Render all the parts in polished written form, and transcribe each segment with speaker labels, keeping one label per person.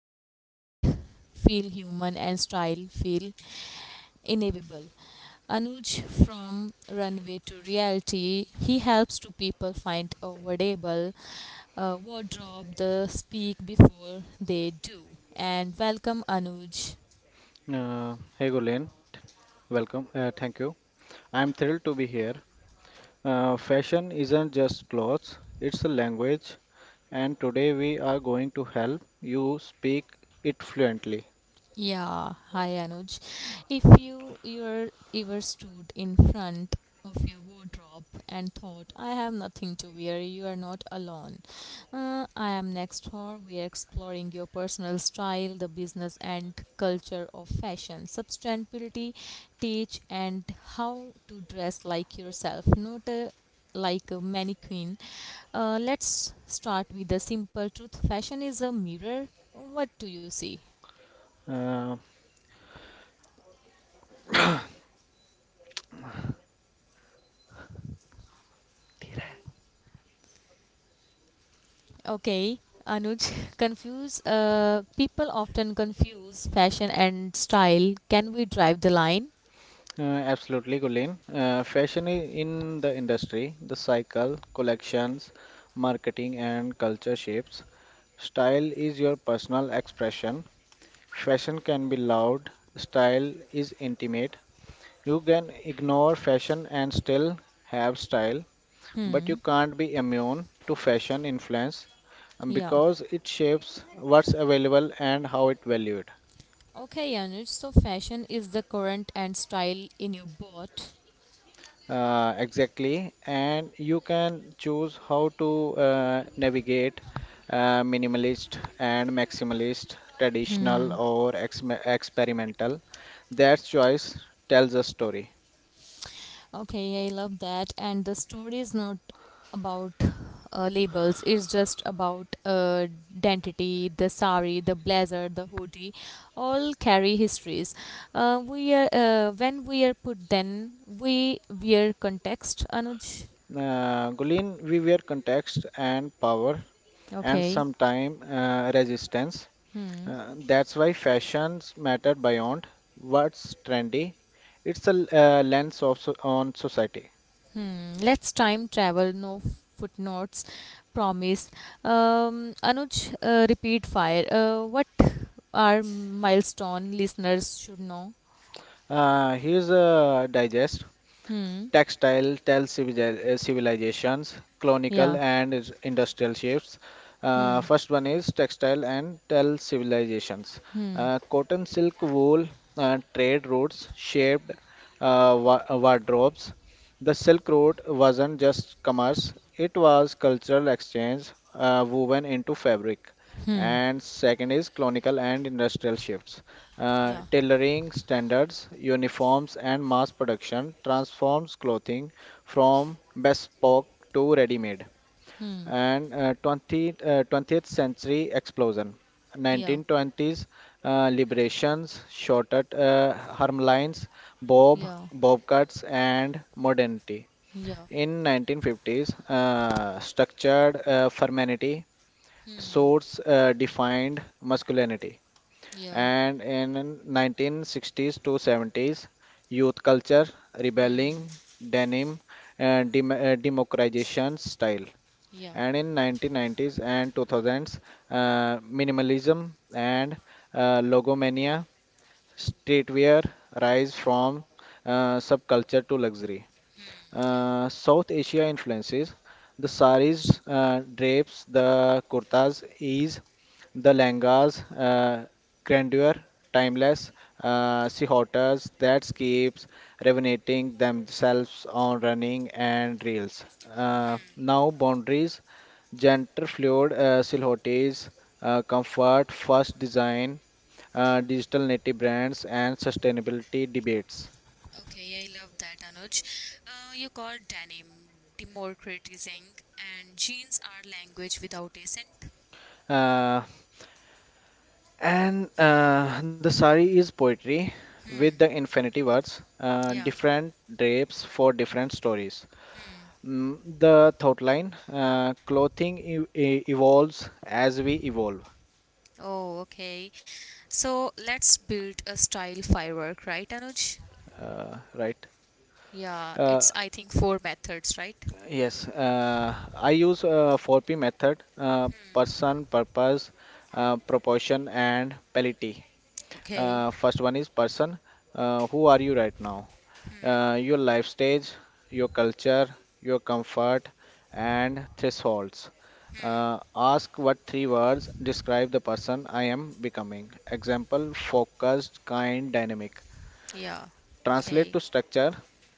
Speaker 1: makes trend feel human and style feel inevitable. Anuj from Runway to Reality, he helps to people find a wearable wardrobe. The speak before they do. And welcome Anuj.
Speaker 2: Hey Gulen, welcome. Thank you. I'm thrilled to be here. Fashion isn't just clothes, it's a language, and today we are going to help you speak it fluently.
Speaker 1: Yeah, hi Anuj. If you're ever stood in front of your wardrobe and thought, I have nothing to wear, you are not alone. I am next door. We are exploring your personal style, the business and culture of fashion, sustainability, teach, and how to dress like yourself, not a, like a mannequin. Let's start with the simple truth. Fashion is a mirror. What do you see?
Speaker 2: Uh,
Speaker 1: Okay, Anuj, confuse people often confuse fashion and style. Can we drive the line?
Speaker 2: Absolutely, Gulen. Fashion in the industry, the cycle, collections, marketing, and culture shapes. Style is your personal expression. Fashion can be loud, style is intimate. You can ignore fashion and still have style, but you
Speaker 1: Hmm.
Speaker 2: can't be immune to fashion influence,
Speaker 1: Yeah.
Speaker 2: because it shapes what's available and how it valued.
Speaker 1: Okay, Anuj. So fashion is the current and style in your boat.
Speaker 2: Exactly, and you can choose how to navigate minimalist and maximalist, traditional or experimental. That choice tells a story.
Speaker 1: Okay, I love that. And the story is not about labels, it's just about identity, the sari, the blazer, the hoodie, all carry histories. When we are put, then we wear context, Anuj.
Speaker 2: Gulin, we were context and power and
Speaker 1: Okay.
Speaker 2: sometimes resistance.
Speaker 1: Hmm.
Speaker 2: That's why fashions matter beyond what's trendy. It's a lens of so on society.
Speaker 1: Hmm. Let's time travel. No footnotes. Promise. Anuj, repeat fire. What are milestone listeners should know?
Speaker 2: Here's a digest.
Speaker 1: Hmm.
Speaker 2: Textile tell civilizations, colonial
Speaker 1: Yeah.
Speaker 2: and industrial shifts.
Speaker 1: Hmm.
Speaker 2: First one is textile and tell civilizations.
Speaker 1: Hmm.
Speaker 2: Cotton, silk, wool, trade routes shaped wardrobes. The silk road wasn't just commerce, it was cultural exchange woven into fabric. And second is colonial and industrial shifts,
Speaker 1: Yeah.
Speaker 2: tailoring standards, uniforms, and mass production transforms clothing from bespoke to ready-made.
Speaker 1: Hmm.
Speaker 2: And 20th century explosion.
Speaker 1: Yeah.
Speaker 2: 1920s liberations, shorter arm lines,
Speaker 1: Yeah.
Speaker 2: bob cuts, and modernity.
Speaker 1: Yeah.
Speaker 2: In 1950s, structured femininity,
Speaker 1: Hmm.
Speaker 2: swords defined masculinity.
Speaker 1: Yeah.
Speaker 2: And in 1960s to 70s, youth culture rebelling, denim, and democratization style.
Speaker 1: Yeah.
Speaker 2: And in 1990s and 2000s, minimalism and logomania, streetwear rise from subculture to luxury.
Speaker 1: Yeah.
Speaker 2: South Asia influences the saris, drapes, the kurtas, ease, the langas, grandeur, timeless, sihotas that keeps revenating themselves on running and reels. Now boundaries, gender fluid, silhouettes, comfort, first design, digital native brands, and sustainability debates.
Speaker 1: Okay, I love that, Anuj. You called denim democratizing, and jeans are language without accent.
Speaker 2: Uh, And the sari is poetry with the infinity words,
Speaker 1: Yeah.
Speaker 2: different drapes for different stories. The thought line, clothing evolves as we evolve,
Speaker 1: Oh, okay. So let's build a style firework, right, Anuj?
Speaker 2: right?
Speaker 1: Yeah,
Speaker 2: Uh,
Speaker 1: it's I think four methods, right?
Speaker 2: yes, I use 4P method: person, purpose, proportion, and pality.
Speaker 1: Okay.
Speaker 2: First one is person. Who are you right now? Your life stage, your culture, your comfort, and thresholds. Ask what three words describe the person I am becoming. Example: focused, kind, dynamic.
Speaker 1: Yeah.
Speaker 2: Translate to
Speaker 1: Okay.
Speaker 2: structure,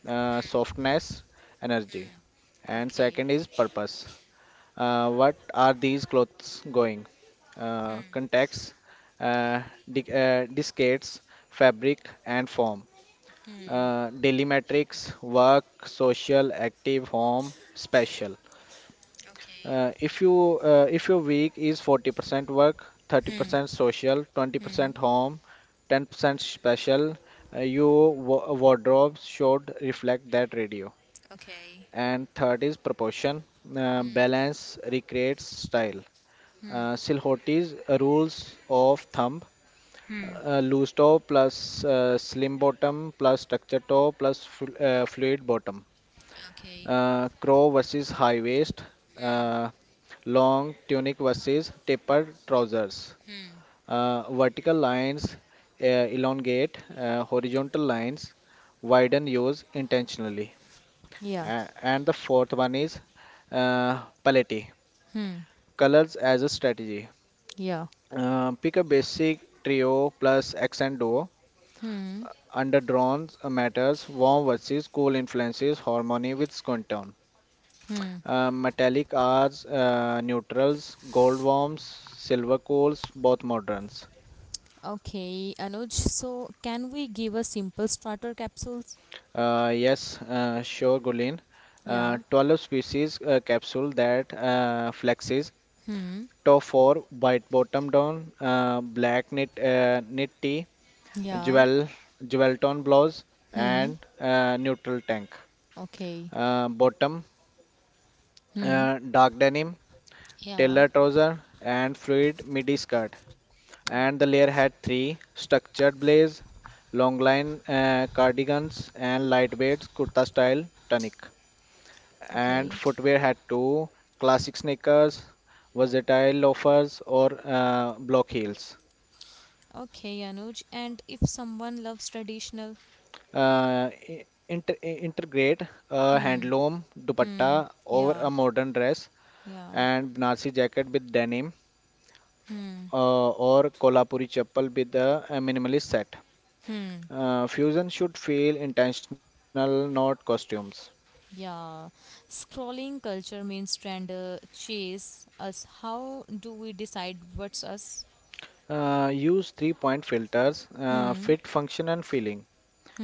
Speaker 2: softness, energy. And second
Speaker 1: Okay.
Speaker 2: is purpose. What are these clothes going? Context, uh, discates, fabric, and form. Daily metrics: work, social, active, home, special.
Speaker 1: Okay.
Speaker 2: If your week is 40% work, 30% social, 20% home, 10% special, your wardrobe should reflect that radio.
Speaker 1: Okay.
Speaker 2: And third is proportion. Balance recreates style. Silhouette's rules of thumb: loose toe plus slim bottom, plus structure toe plus fluid bottom,
Speaker 1: Okay.
Speaker 2: crow versus high waist, uh, long tunic versus tapered trousers, vertical lines uh, elongate, horizontal lines widen, use intentionally.
Speaker 1: Yeah.
Speaker 2: And the fourth one is palette, colors as a strategy.
Speaker 1: Yeah.
Speaker 2: Pick a basic trio plus accent duo. Underdrawn matters, warm versus cool influences, harmony with skin tone. Metallic R's, neutrals, gold worms, silver coals, both moderns.
Speaker 1: Okay, Anuj. So, can we give a simple starter capsules?
Speaker 2: Yes, sure, Gulin.
Speaker 1: Yeah.
Speaker 2: 12 species capsule that flexes. Top 4: white bottom down, black knit, knit tea,
Speaker 1: Yeah.
Speaker 2: jewel, jewel tone blouse, and
Speaker 1: Hmm.
Speaker 2: neutral tank.
Speaker 1: Okay.
Speaker 2: Bottom:
Speaker 1: Hmm.
Speaker 2: dark denim, tailor
Speaker 1: Yeah.
Speaker 2: trouser, and fluid midi skirt. And the layer had three: structured blaze, long line cardigans, and lightweight kurta style tunic. And
Speaker 1: Okay.
Speaker 2: footwear had two: classic sneakers, versatile loafers, or block heels.
Speaker 1: Okay, Anuj. And if someone loves traditional?
Speaker 2: Integrate a
Speaker 1: Hmm.
Speaker 2: handloom dupatta
Speaker 1: Hmm.
Speaker 2: over a
Speaker 1: Yeah.
Speaker 2: modern dress
Speaker 1: Yeah.
Speaker 2: and Banarsi jacket with denim,
Speaker 1: Hmm.
Speaker 2: or Kolhapuri chappal with a minimalist set.
Speaker 1: Hmm.
Speaker 2: Fusion should feel intentional, not costumes.
Speaker 1: Yeah. Scrolling culture means trend chase us. How do we decide what's us?
Speaker 2: Use three point filters:
Speaker 1: Hmm.
Speaker 2: fit, function, and feeling.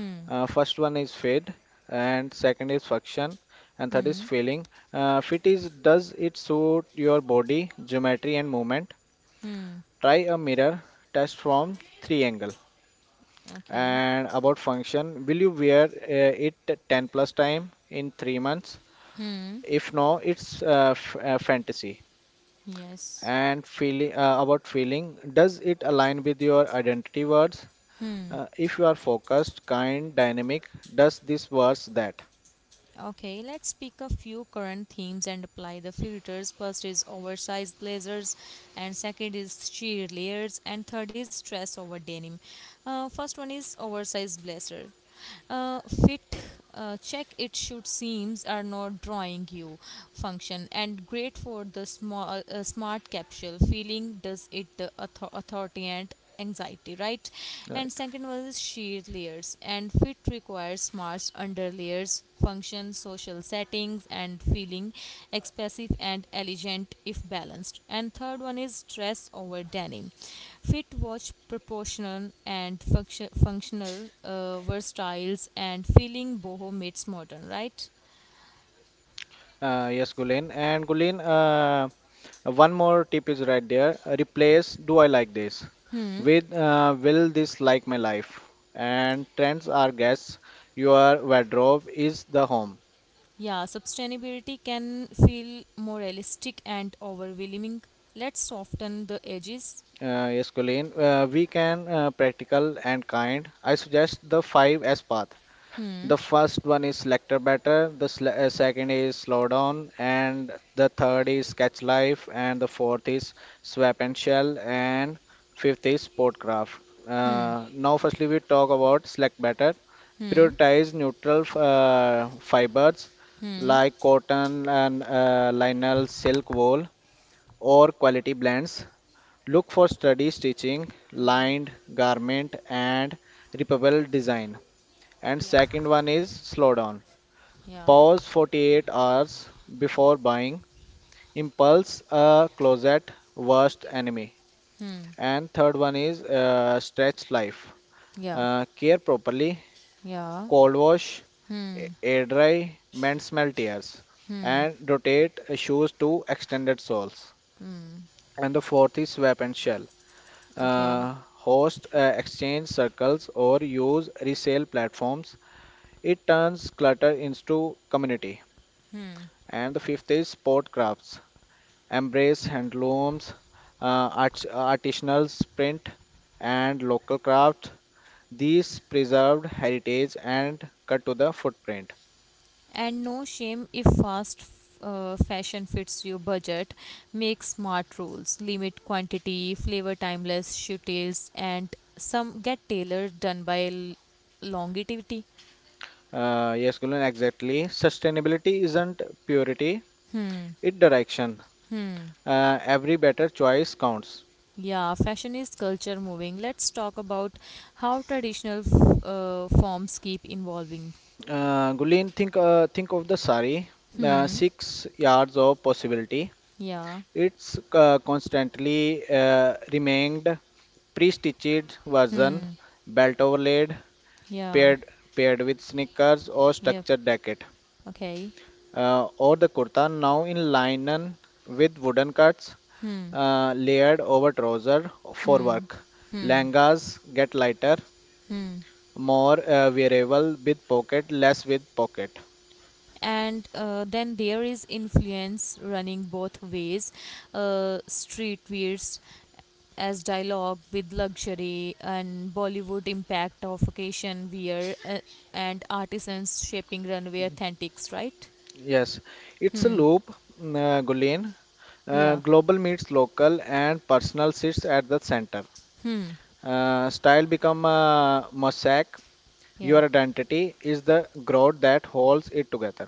Speaker 1: Hmm.
Speaker 2: First one is fit, and second is function, and third is
Speaker 1: Hmm.
Speaker 2: feeling. Fit is, does it suit your body, geometry, and movement?
Speaker 1: Hmm.
Speaker 2: Try a mirror test from three angle.
Speaker 1: Okay.
Speaker 2: And about function, will you wear it 10 plus time in 3 months?
Speaker 1: Hmm.
Speaker 2: If no, it's f fantasy.
Speaker 1: Yes.
Speaker 2: And feeling about feeling, does it align with your identity words? If you are focused, kind, dynamic, does this works that.
Speaker 1: Okay, let's pick a few current themes and apply the filters. First is oversized blazers, and second is sheer layers, and third is stress over denim. First one is oversized blazer fit check it should seems are not drawing you function and great for the small smart capsule feeling does it the authority and anxiety right and
Speaker 2: Right.
Speaker 1: second one is sheet layers and fit requires smart under layers function social settings and feeling expressive and elegant if balanced and third one is dress over denim. Fit watch, proportional and functional, versatiles and feeling boho meets modern, right?
Speaker 2: Yes, Gulen. And Gulen, one more tip is right there. Replace, do I like this, with will this like my life? And trends are guests. Your wardrobe is the home.
Speaker 1: Yeah, sustainability can feel more realistic and overwhelming. Let's soften the edges.
Speaker 2: Yes, Gulen. We can practical and kind. I suggest the five S path. The first one is selector batter, the second is slow down, and the third is catch life, and the fourth is swap and shell, and fifth is sport craft. Now, firstly, we talk about select batter. Prioritize neutral fibers like cotton and linal, silk, wool, or quality blends. Look for sturdy stitching, lined garment, and repairable design. And
Speaker 1: Yeah,
Speaker 2: second one is slow down.
Speaker 1: yeah,
Speaker 2: Pause 48 hours before buying. Impulse a closet worst enemy.
Speaker 1: hmm,
Speaker 2: And third one is stretch life.
Speaker 1: yeah,
Speaker 2: Care properly.
Speaker 1: yeah,
Speaker 2: Cold wash,
Speaker 1: hmm,
Speaker 2: air dry, mend smell tears.
Speaker 1: hmm,
Speaker 2: And rotate shoes to extended soles. And the fourth is swap and shell.
Speaker 1: okay.
Speaker 2: Host exchange circles or use resale platforms. It turns clutter into community. And the fifth is sport crafts. Embrace handlooms, artisanal print, and local crafts. These preserved heritage and cut to the footprint.
Speaker 1: And no shame if fast fashion fits your budget. Make smart rules, limit quantity, flavor timeless shooties, and some get tailored done by longevity.
Speaker 2: Yes, Gulen, exactly. Sustainability isn't purity, it direction. Every better choice counts.
Speaker 1: Yeah, fashion is culture moving. Let's talk about how traditional forms keep evolving.
Speaker 2: Gulen, think of the sari,
Speaker 1: Hmm.
Speaker 2: 6 yards of possibility.
Speaker 1: Yeah.
Speaker 2: It's constantly remained pre-stitched version,
Speaker 1: Hmm.
Speaker 2: belt overlaid,
Speaker 1: Yeah.
Speaker 2: paired paired with sneakers or
Speaker 1: Yep.
Speaker 2: structured jacket,
Speaker 1: Okay.
Speaker 2: or the kurta now in linen with wooden cuts,
Speaker 1: Hmm.
Speaker 2: layered over trouser for
Speaker 1: Hmm.
Speaker 2: work.
Speaker 1: Hmm.
Speaker 2: Langas get lighter,
Speaker 1: Hmm.
Speaker 2: more wearable with pocket, less with pocket.
Speaker 1: And then there is influence running both ways, street wears as dialogue with luxury and Bollywood impact of occasion wear, and artisans shaping runway authentics, right?
Speaker 2: Yes, it's a
Speaker 1: Hmm.
Speaker 2: loop, Gulen.
Speaker 1: Yeah.
Speaker 2: Global meets local and personal sits at the center. Style become a mosaic. Your
Speaker 1: Yeah.
Speaker 2: identity is the grout that holds it together.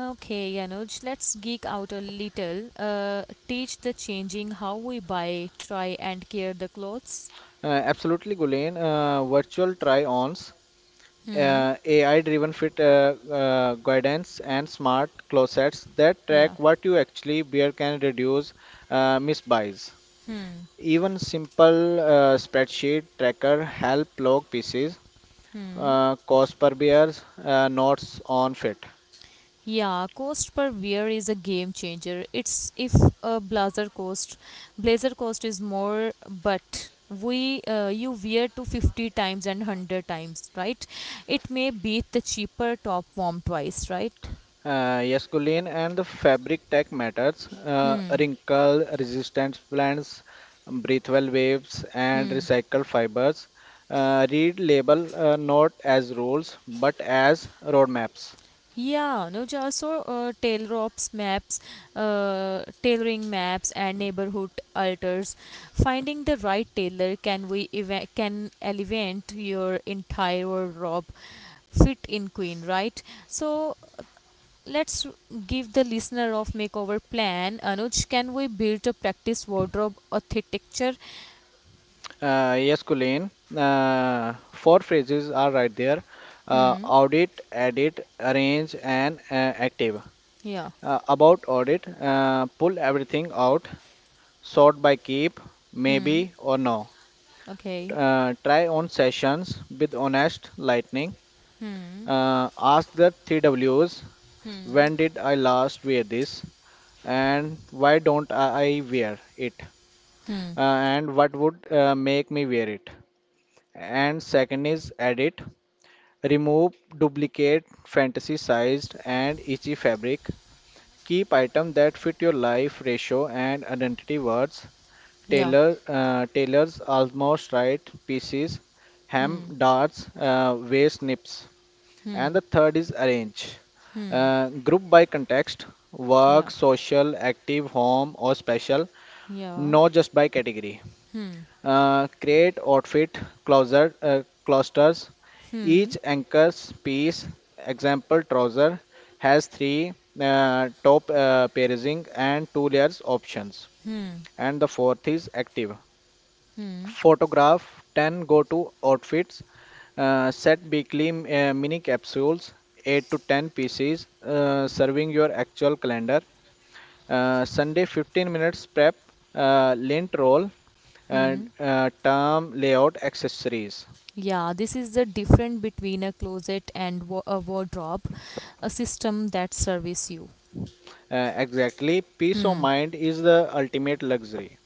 Speaker 1: Okay, Yanuj, let's geek out a little. Teach the changing how we buy, try and care the clothes.
Speaker 2: Absolutely, Gulen. Virtual try-ons,
Speaker 1: Hmm.
Speaker 2: AI-driven fit guidance, and smart closets that track
Speaker 1: Yeah.
Speaker 2: what you actually wear can reduce misbuys. Even simple spreadsheet tracker help log pieces, cost per bears, notes on fit.
Speaker 1: Yeah, cost per wear is a game changer. It's if a blazer cost, blazer cost is more, but we you wear to 50 times and 100 times, right? It may beat the cheaper top warm twice, right?
Speaker 2: Yes, Colleen, and the fabric tech matters. Wrinkle resistant blends, breathable waves, and recycled fibers. Read label, not as rules but as roadmaps.
Speaker 1: Yeah, no, also tailoring maps, and neighborhood alters. Finding the right tailor can elevate your entire wardrobe fit in queen, right? So let's give the listener of makeover plan. Anuj, can we build a practice wardrobe architecture?
Speaker 2: Yes, Colleen. Four phrases are right there:
Speaker 1: Hmm.
Speaker 2: audit, edit, arrange, and active.
Speaker 1: Yeah.
Speaker 2: About audit, pull everything out, sort by keep,
Speaker 1: Hmm.
Speaker 2: maybe or no.
Speaker 1: Okay.
Speaker 2: Try on sessions with honest lightning.
Speaker 1: Hmm.
Speaker 2: Ask the TWs:
Speaker 1: Hmm.
Speaker 2: when did I last wear this? And why don't I wear it?
Speaker 1: Hmm.
Speaker 2: And what would make me wear it? And second is edit, remove duplicate fantasy sized and itchy fabric. Keep items that fit your life ratio and identity words.
Speaker 1: Yeah.
Speaker 2: Tailors almost right pieces,
Speaker 1: Hmm.
Speaker 2: hem darts, waist nips. And
Speaker 1: Hmm.
Speaker 2: the third is arrange.
Speaker 1: Hmm.
Speaker 2: Group by context: work,
Speaker 1: Yeah.
Speaker 2: social, active, home, or special.
Speaker 1: Yeah.
Speaker 2: Not just by category.
Speaker 1: Hmm.
Speaker 2: Create outfit clusters.
Speaker 1: Hmm.
Speaker 2: Each anchor's piece, example trouser, has three top pairing and two layers options.
Speaker 1: Hmm.
Speaker 2: And the fourth is active.
Speaker 1: Hmm.
Speaker 2: Photograph 10 go to outfits. Set weekly mini capsules, 8 to 10 pieces, serving your actual calendar. Sunday 15 minutes prep, lint roll,
Speaker 1: Hmm.
Speaker 2: and term layout accessories.
Speaker 1: Yeah, this is the difference between a closet and a wardrobe, a system that serves you.
Speaker 2: Exactly, peace of
Speaker 1: Hmm.
Speaker 2: mind is the ultimate luxury.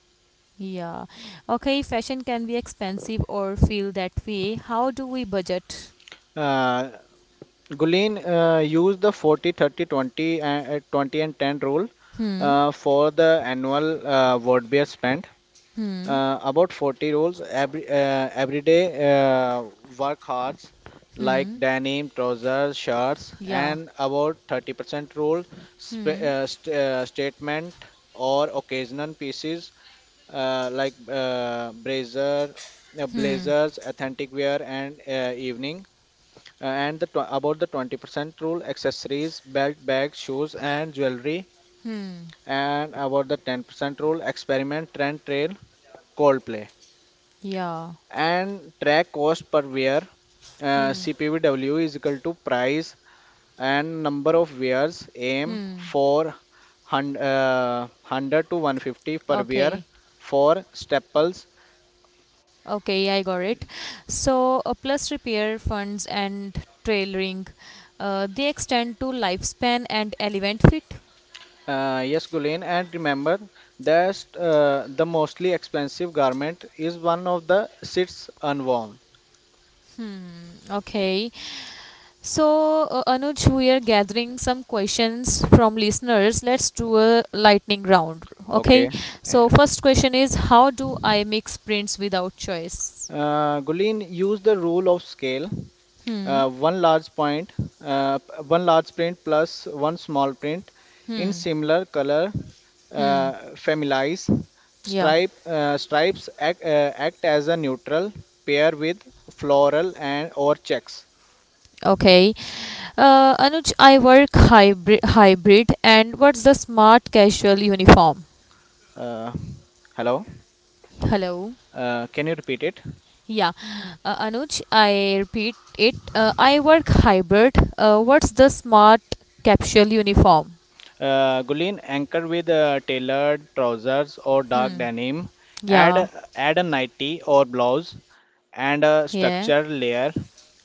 Speaker 1: Yeah. Okay, fashion can be expensive or feel that way. How do we budget?
Speaker 2: Uh, Gulin, used the 40 and 20 and 10 rule
Speaker 1: Hmm.
Speaker 2: for the annual word beer spend.
Speaker 1: Hmm.
Speaker 2: About 40 rules every everyday uh, work hours like denim, trousers, shirts,
Speaker 1: Yeah.
Speaker 2: and about 30% rule sp st statement or occasional pieces like blazers, authentic wear, and evening. And about the 20% rule: accessories, belt, bags, shoes, and jewelry. And about the 10% rule: experiment, trend, trail, coldplay.
Speaker 1: Yeah.
Speaker 2: And track cost per wear.
Speaker 1: Hmm.
Speaker 2: CPVW is equal to price and number of wears. Aim
Speaker 1: Hmm.
Speaker 2: for 100 to 150 per wear
Speaker 1: Okay.
Speaker 2: for staples.
Speaker 1: Okay, I got it. So, plus repair funds and tailoring, they extend to lifespan and element fit.
Speaker 2: Yes, Gulen, and remember that the mostly expensive garment is one of the sits unworn.
Speaker 1: Okay, so Anuj, we are gathering some questions from listeners. Let's do a lightning round. Okay,
Speaker 2: Okay. Yeah.
Speaker 1: so first question is how do I mix prints without choice?
Speaker 2: Gulen, use the rule of scale.
Speaker 1: Hmm,
Speaker 2: Uh, one large point, One large print plus one small print in
Speaker 1: hmm,
Speaker 2: similar color,
Speaker 1: hmm.
Speaker 2: familiarize.
Speaker 1: Yeah.
Speaker 2: Stripes act as a neutral pair with floral and or checks.
Speaker 1: Okay. Anuj, I work hybrid, and what's the smart casual uniform?
Speaker 2: Uh, Hello.
Speaker 1: Hello.
Speaker 2: Can you repeat it?
Speaker 1: Yeah. Anuj, I repeat it. I work hybrid. What's the smart capsule uniform?
Speaker 2: Gulin, anchor with tailored trousers or dark denim.
Speaker 1: Yeah.
Speaker 2: Add a nightie or blouse
Speaker 1: Yeah.
Speaker 2: and a structure layer.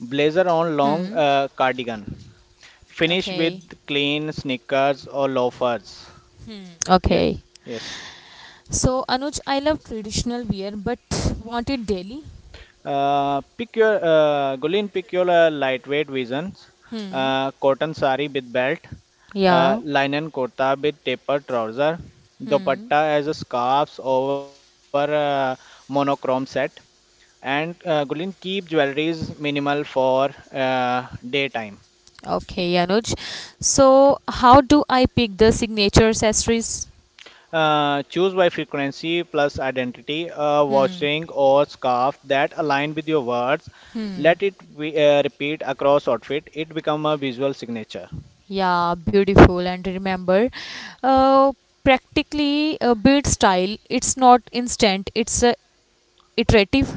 Speaker 2: Blazer on
Speaker 1: Hmm.
Speaker 2: long cardigan. Finish with
Speaker 1: Okay.
Speaker 2: clean sneakers or loafers.
Speaker 1: Okay.
Speaker 2: Yes, yes.
Speaker 1: So, Anuj, I love traditional wear but want it daily.
Speaker 2: Pick your Gulin, pick your lightweight visions.
Speaker 1: Hmm.
Speaker 2: Cotton sari with belt,
Speaker 1: Yeah.
Speaker 2: linen kurta with taper trouser,
Speaker 1: Hmm.
Speaker 2: dupatta as a scarves over monochrome set. And Gulin, keep jewelries minimal for daytime.
Speaker 1: Okay, Anuj. So, how do I pick the signature accessories?
Speaker 2: Choose by frequency plus identity, a watch
Speaker 1: Hmm.
Speaker 2: ring or scarf that align with your words. Let
Speaker 1: Hmm.
Speaker 2: it be, repeat across outfit. It become a visual signature.
Speaker 1: Yeah, beautiful. And remember, uh, practically a bead style. It's not instant. It's iterative,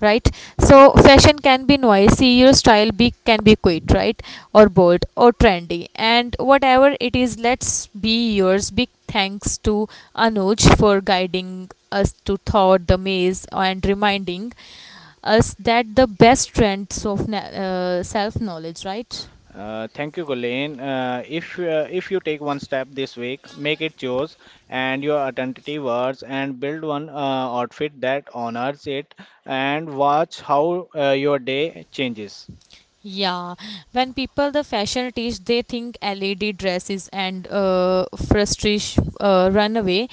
Speaker 1: right?
Speaker 2: Yeah.
Speaker 1: So fashion can be noisy. Your style be can be quick, right? Or bold or trendy. And whatever it is, let's be yours. Big thanks to Anuj for guiding us to thought the maze and reminding us that the best trends of self knowledge, right?
Speaker 2: Thank you, Gulen. If you take one step this week, make it yours and your identity words, and build one outfit that honors it, and watch how your day changes.
Speaker 1: Yeah, when people the fashion teach, they think LED dresses and frustration runaway,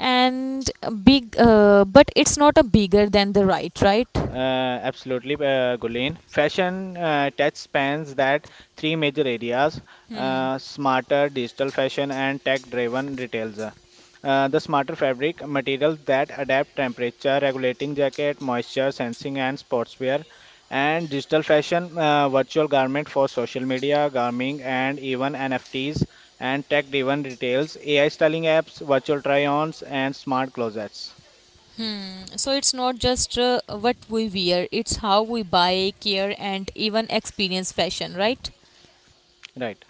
Speaker 1: and a big. But it's not a bigger than the right, right?
Speaker 2: Absolutely, Gulen. Fashion tech spans that three major areas: smarter digital fashion and tech-driven retails. The smarter fabric materials that adapt temperature, regulating jacket, moisture sensing, and sportswear. And digital fashion, virtual garment for social media, garming, and even NFTs. And tech-driven retails, AI styling apps, virtual try-ons, and smart closets.
Speaker 1: So it's not just what we wear; it's how we buy, care, and even experience fashion, right?
Speaker 2: Right.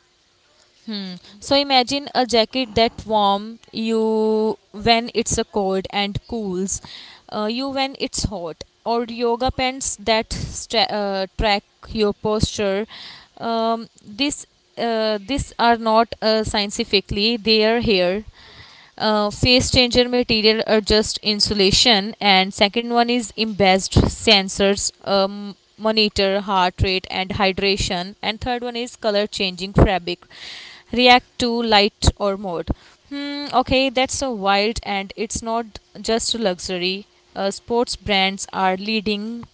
Speaker 1: So imagine a jacket that warm you when it's a cold and cools you when it's hot, or yoga pants that track your posture. This these are not scientifically they are here, phase changer material adjust insulation, and second one is embedded sensors, monitor heart rate and hydration, and third one is color changing fabric react to light or mode. Hmm, okay, that's a wild and it's not just luxury. Sports brands are leading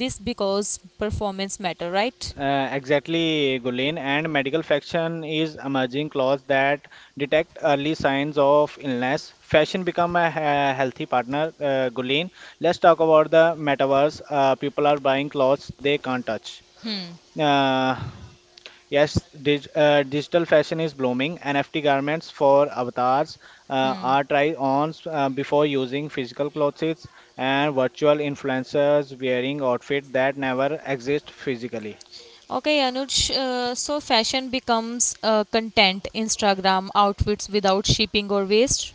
Speaker 1: this because performance matter, right?
Speaker 2: Exactly, Gulen. And medical fashion is emerging clothes that detect early signs of illness. Fashion become a healthy partner, Gulen. Let's talk about the metaverse. People are buying clothes they can't touch. Uh, yes, digital fashion is blooming. NFT garments for avatars are try-ons before using physical clothes, and virtual influencers wearing outfits that never exist physically.
Speaker 1: Okay, Anuj. So fashion becomes content, Instagram outfits without shipping or waste.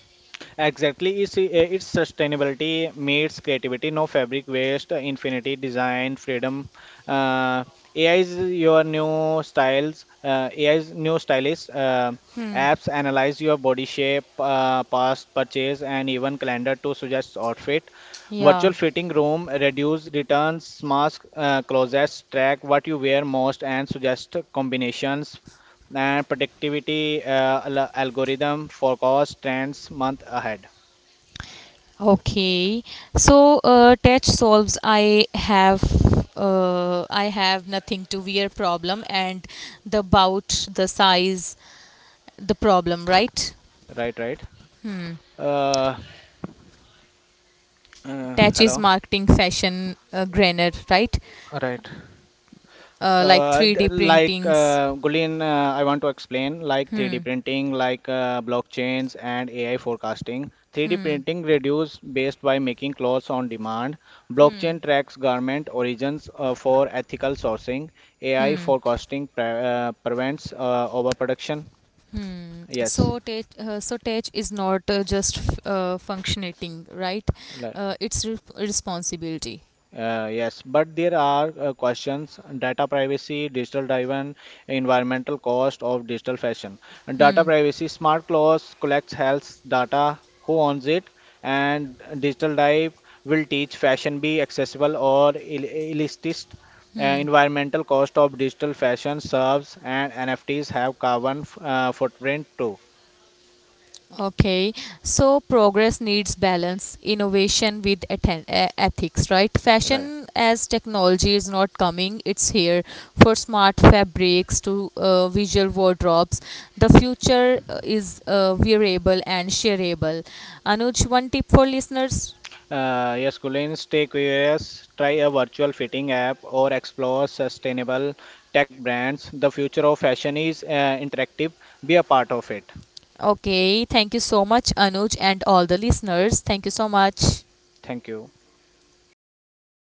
Speaker 2: Exactly, it's sustainability meets creativity, no fabric waste, infinity design, freedom. Uh, AI is your new styles, uh, AI is new stylist. Apps analyze your body shape, past purchase, and even calendar to suggest outfit.
Speaker 1: Yeah.
Speaker 2: Virtual fitting room, reduce returns, mask closets, track what you wear most, and suggest combinations. And productivity algorithm forecast trends month ahead.
Speaker 1: Okay. So touch solves. I have. I have nothing to wear problem and the bout the size the problem right.
Speaker 2: Right, right. Uh,
Speaker 1: Touch is
Speaker 2: Hello.
Speaker 1: marketing fashion grainer right.
Speaker 2: Right.
Speaker 1: Like 3D printings
Speaker 2: Gulin, I want to explain like 3D printing, like blockchains and AI forecasting. 3D printing reduce based by making clothes on demand. Blockchain tracks garment origins for ethical sourcing. AI forecasting prevents overproduction. Yes.
Speaker 1: so tech is not just functioning right,
Speaker 2: Right.
Speaker 1: it's responsibility.
Speaker 2: Yes, but there are questions: data privacy, digital driven, environmental cost of digital fashion. And data privacy, smart clothes collects health data, who owns it. And digital drive will teach fashion be accessible or illicit. Environmental cost of digital fashion serves and NFTs have carbon footprint too.
Speaker 1: Okay, so progress needs balance innovation with ethics right.
Speaker 2: Right.
Speaker 1: Fashion as technology is not coming, it's here. For smart fabrics to visual wardrobes, the future is wearable and shareable. Anuj, one tip for listeners.
Speaker 2: Yes, Kulin, stay curious, try a virtual fitting app, or explore sustainable tech brands. The future of fashion is interactive. Be a part of it.
Speaker 1: Okay, thank you so much, Anuj, and all the listeners. Thank you so much.
Speaker 2: Thank you.